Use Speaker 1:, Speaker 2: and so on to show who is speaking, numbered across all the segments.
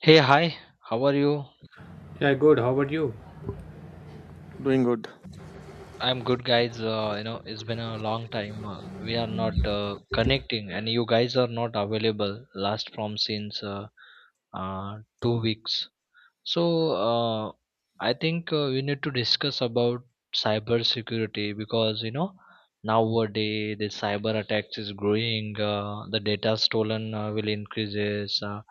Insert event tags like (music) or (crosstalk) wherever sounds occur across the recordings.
Speaker 1: Hey, hi, how are you?
Speaker 2: Yeah, good. How about you?
Speaker 3: Doing good.
Speaker 1: I'm good, guys. It's been a long time. We are not connecting, and you guys are not available last from since 2 weeks. So, uh, I think we need to discuss about cyber security because nowadays the cyber attacks is growing, the data stolen will increases. Uh,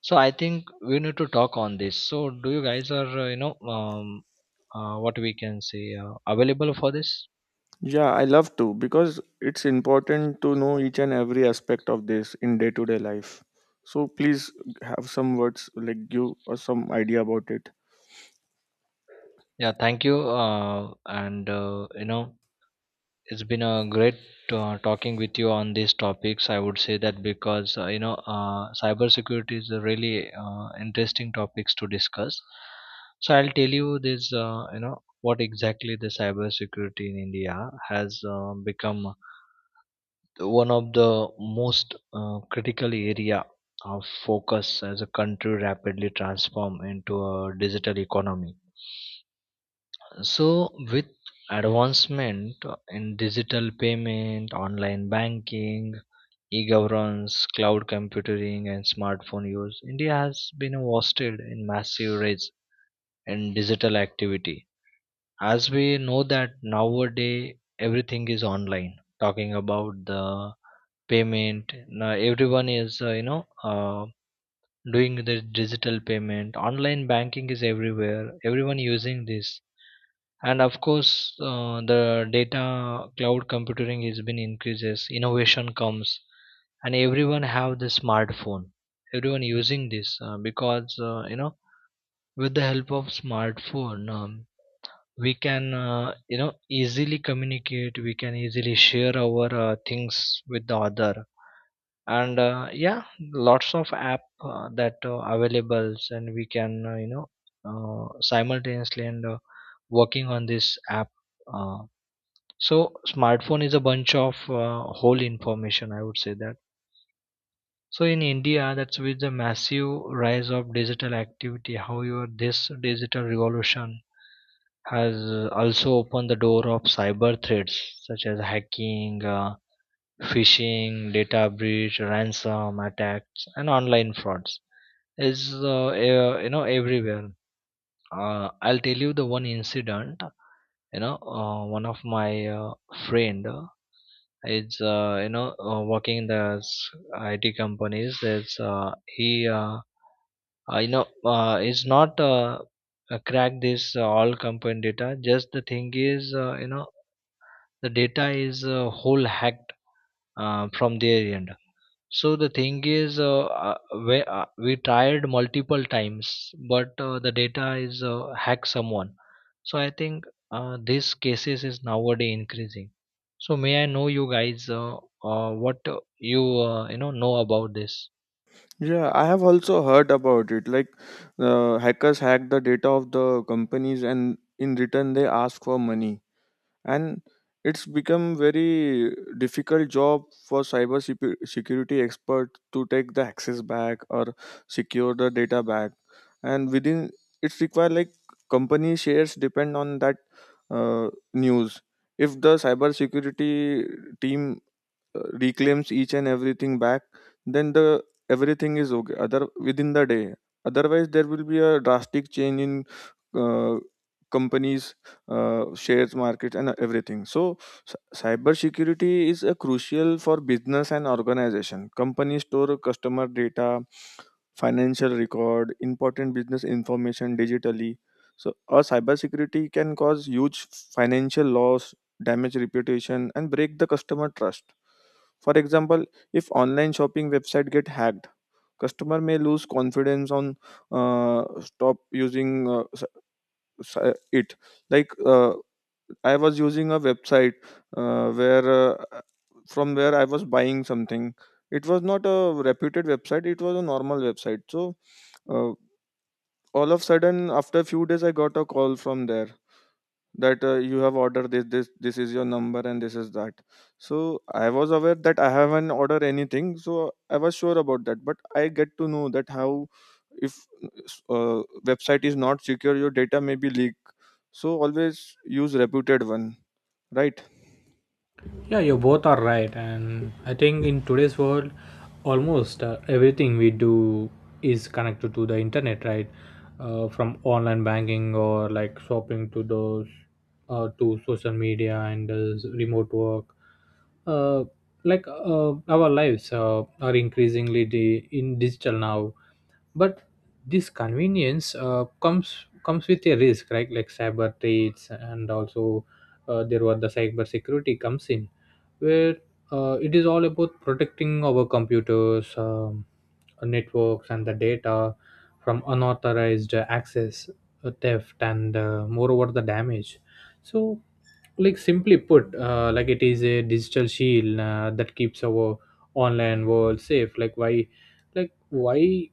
Speaker 1: so I think we need to talk on this. Do you guys are what we can say available for this?
Speaker 3: Yeah, I love to because it's important to know each and every aspect of this in day to day life. So please have some words, like give us some idea about it.
Speaker 1: Yeah, thank you, and you know it's been a great talking with you on these topics. I would say that because cybersecurity is a really interesting topics to discuss. So I'll tell you this. What exactly the cybersecurity in india has become one of the most critical area of focus as a country rapidly transform into a digital economy. So with advancement in digital payment, online banking, e-governance, cloud computing, and smartphone use, India has been hosted in massive rise in digital activity. As we know that nowadays everything is online. Talking about the payment, now everyone is doing the digital payment. Online banking is everywhere, everyone using this, and of course the data cloud computing has been increases, innovation comes, and everyone have the smartphone, everyone using this because you know with the help of smartphone, we can easily communicate. We can easily share our things with the other. And yeah Lots of app that available and we can simultaneously and working on this app. uh, so smartphone is a bunch of whole information, I would say that. So in india, that's with the massive rise of digital activity, how your this digital revolution has also opened the door of cyber threats such as hacking, phishing, data breach, ransom attacks, and online frauds. Is everywhere. I'll tell you the one incident. One of my friend is working in the IT companies. Is he you know Is not crack this all company data. Just the thing is, the data is whole hacked from their end. So the thing is uh, uh, we, uh, we tried multiple times but the data is hacked someone. So I think these cases is nowadays increasing. So may I know you guys what you know about this?
Speaker 3: Yeah, I have also heard about it. Like hackers hack the data of the companies, and in return they ask for money. And it's become very difficult job for security expert to take the access back or secure the data back. And within, it's required like company shares depend on that news. If the cyber security team reclaims each and everything back, then the everything is okay other within the day. Otherwise there will be a drastic change in uh, companies shares market and everything. So cyber security is a crucial for business and organization. Companies store customer data, financial record, important business information digitally. So a cyber security can cause huge financial loss, damage reputation, and break the customer trust. For example, if online shopping website get hacked, customer may lose confidence on, stop using it. Like I was using a website where from where I was buying something. It was not a reputed website. It was a normal website. So uh, all of a sudden, after a few days, I got a call from there that you have ordered this, this, this is your number and this is that. So I was aware that I haven't ordered anything, so I was sure about that, but I get to know that how, if uh, website is not secure, your data may be leaked. So always use reputed one, right?
Speaker 2: Yeah, you both are right. And I think in today's world, almost everything we do is connected to the internet, right? From online banking or like shopping to to social media and remote work. Uh, like our lives are in digital now, but this convenience comes with a risk, right? Like cyber threats, and also there were the cyber security comes in, where it is all about protecting our computers, networks and the data from unauthorized access, theft and moreover the damage. So, like simply put, like it is a digital shield that keeps our online world safe. Like why, like why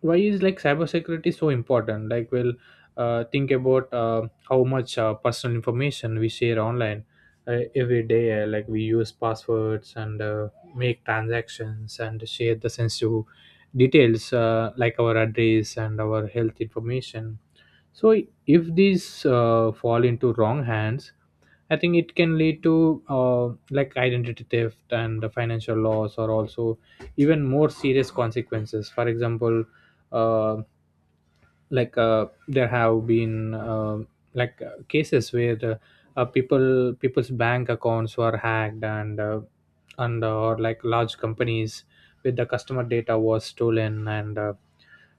Speaker 2: is like cybersecurity so important? Like, well, think about how much personal information we share online every day. Uh, like we use passwords and make transactions and share the sensitive details, like our address and our health information. So if these fall into wrong hands, I think it can lead to like identity theft and the financial loss, or also even more serious consequences. For example, uh, there have been, cases where people's bank accounts were hacked, and or like large companies with the customer data was stolen, and uh,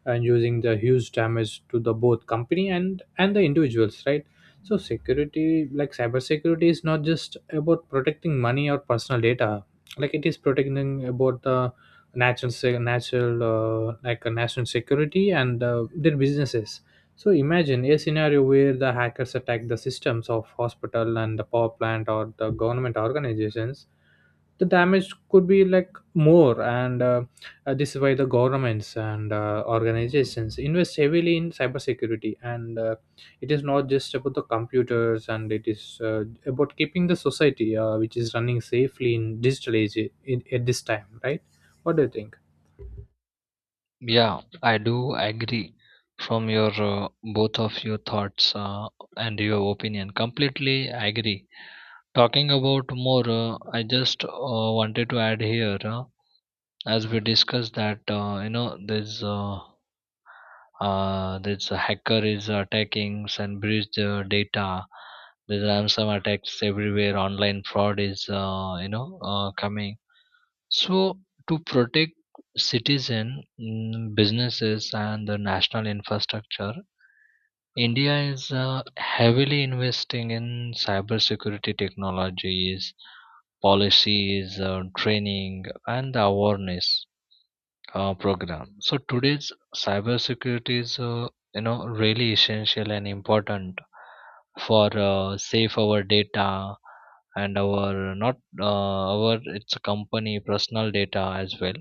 Speaker 2: and using the huge damage to the both company and the individuals, right? So security, like cybersecurity, is not just about protecting money or personal data. Like it is protecting about the natural, like a national security and their businesses. So imagine a scenario where the hackers attack the systems of hospital and the power plant or the government organizations. The damage could be like more, and this is why the governments and organizations invest heavily in cybersecurity. And it is not just about the computers, and it is about keeping the society, which is running safely in digital age, at this time, right? What do you think?
Speaker 1: Yeah, I do agree from your both of your thoughts and your opinion. Completely agree. Talking about more, I just wanted to add here. As we discussed that this hacker is attacking and breach the data. There's ransom attacks everywhere. Online fraud is coming. So, to protect citizen, businesses, and the national infrastructure, India is heavily investing in cybersecurity technologies, policies, training, and awareness program. So today's cybersecurity is really essential and important for safe our data and our not our, it's a company personal data as well.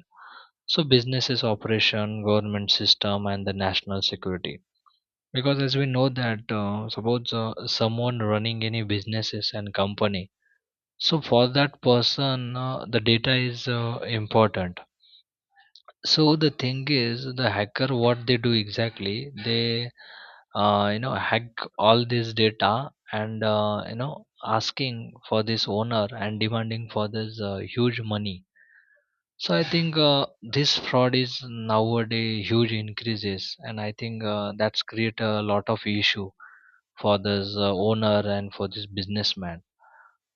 Speaker 1: So businesses operation, government system, and the national security. Because as we know that suppose someone running any businesses and company. So for that person, the data is important. So the thing is, the hacker, what they do exactly, they hack all this data and asking for this owner and demanding for this huge money. So I think this fraud is nowadays huge increases, and I think that's create a lot of issue for this owner and for this businessman.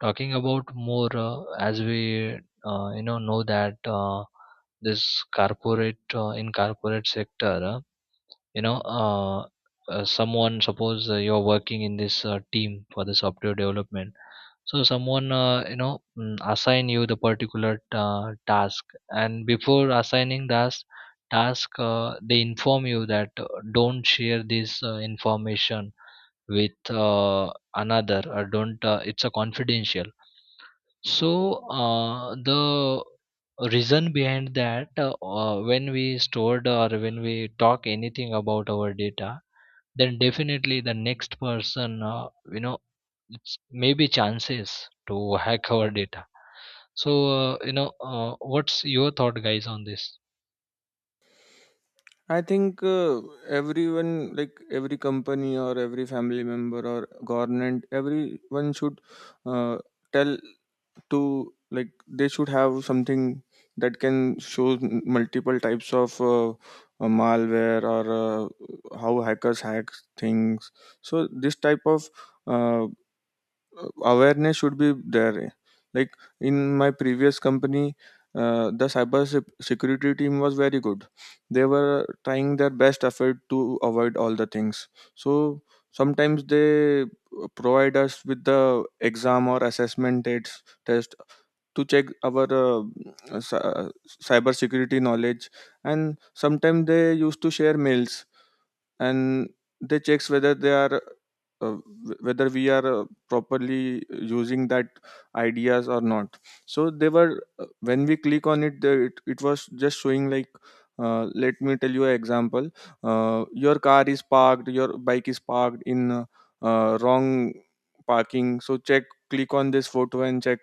Speaker 1: Talking about more, as we know that this corporate, in corporate sector, you know uh, someone, suppose you're working in this team for the software development, so someone assign you the particular task, and before assigning that task, they inform you that don't share this information with another, or don't, it's a confidential. So the reason behind that, when we stored or when we talk anything about our data, then definitely the next person, it's maybe chances to (laughs) hack our data. So what's your thought, guys, on this?
Speaker 3: I think everyone, like every company or every family member or government, everyone should uh, tell to, like they should have something that can show multiple types of malware or how hackers hack things. So this type of uh, awareness should be there. Like in my previous company, the security team was very good. They were trying their best effort to avoid all the things. So sometimes they provide us with the exam or assessment dates test to check our cy- uh, cyber security knowledge. And sometimes they used to share mails, and they checks whether they are whether we are properly using that ideas or not. So they were when we click on it, it was just showing like, let me tell you an example. Uh, your car is parked, your bike is parked in wrong parking, so check, click on this photo and check.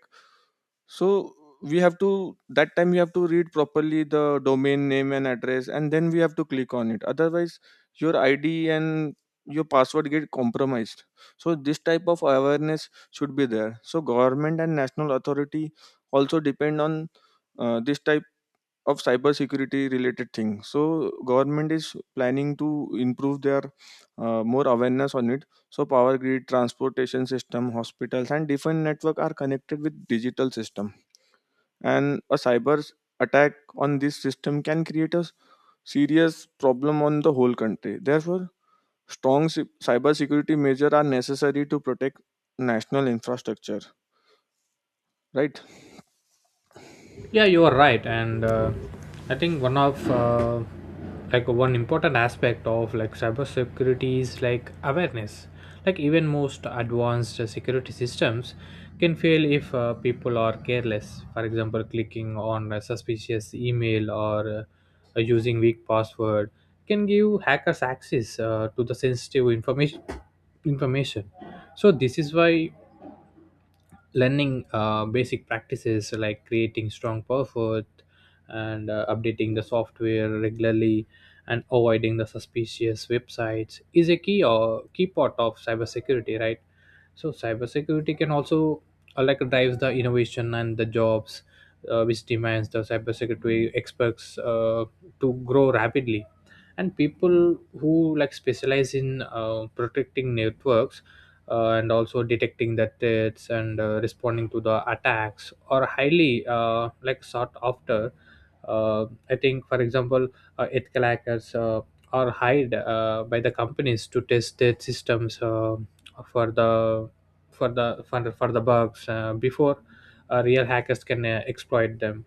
Speaker 3: So we have to, that time we have to read properly the domain name and address, and then we have to click on it, otherwise your ID and your password get compromised. So this type of awareness should be there. So government and national authority also depend on this type of cyber security related thing. So government is planning to improve their more awareness on it. So power grid, transportation system, hospitals, and different network are connected with digital system, and a cyber attack on this system can create a serious problem on the whole country. Therefore strong cyber security measures are necessary to protect national infrastructure, right?
Speaker 2: Yeah, you are right, and I think one of like one important aspect of like cybersecurity is like awareness. Like even most advanced security systems can fail if people are careless. For example, clicking on a suspicious email or using weak password can give hackers access to the sensitive Information. So this is why learning basic practices like creating strong perfect and updating the software regularly and avoiding the suspicious websites is a key or key part of cybersecurity, right? So cybersecurity can also like drives the innovation and the jobs, which demands the cybersecurity experts to grow rapidly, and people who like specialize in protecting networks and also detecting the threats and responding to the attacks or highly like sought after. I think, for example, ethical hackers are hired by the companies to test their systems for the for the bugs before real hackers can exploit them.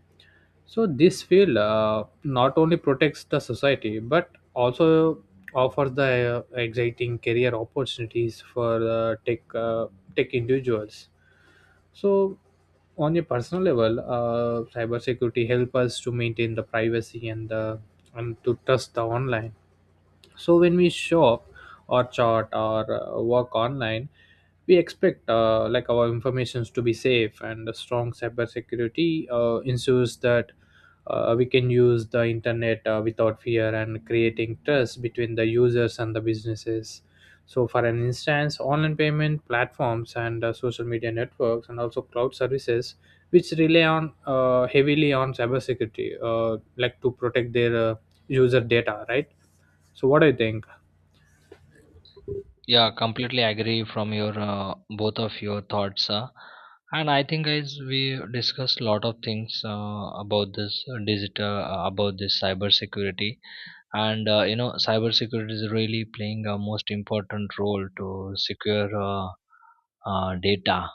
Speaker 2: So this field not only protects the society but also offers the exciting career opportunities for tech individuals. So on a personal level, cybersecurity help us to maintain the privacy and the and to trust the online. So when we shop or chart or work online, we expect like our informations to be safe, and a strong cybersecurity ensures that we can use the internet without fear and creating trust between the users and the businesses. So for an instance, online payment platforms and social media networks and also cloud services, which rely on heavily on cybersecurity like to protect their user data, right? So, what do you think?
Speaker 1: Yeah, completely agree from your both of your thoughts. And I think, guys, we discussed a lot of things about this digital, about this cyber security. And you know Cybersecurity is really playing a most important role to secure data.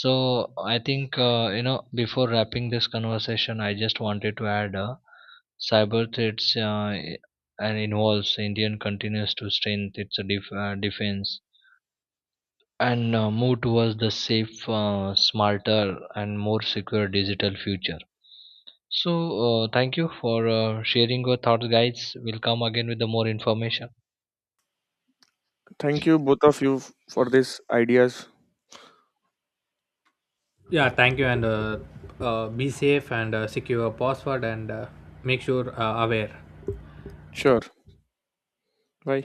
Speaker 1: So I think before wrapping this conversation, I just wanted to add cyber threats and involves indian continues to strengthen its defense and move towards the safe, smarter and more secure digital future. So thank you for sharing your thoughts, guys. We'll come again with the more information.
Speaker 3: Thank you, both of you, for these ideas.
Speaker 2: Yeah, thank you, and be safe and secure your password and make sure aware.
Speaker 3: Sure. Bye.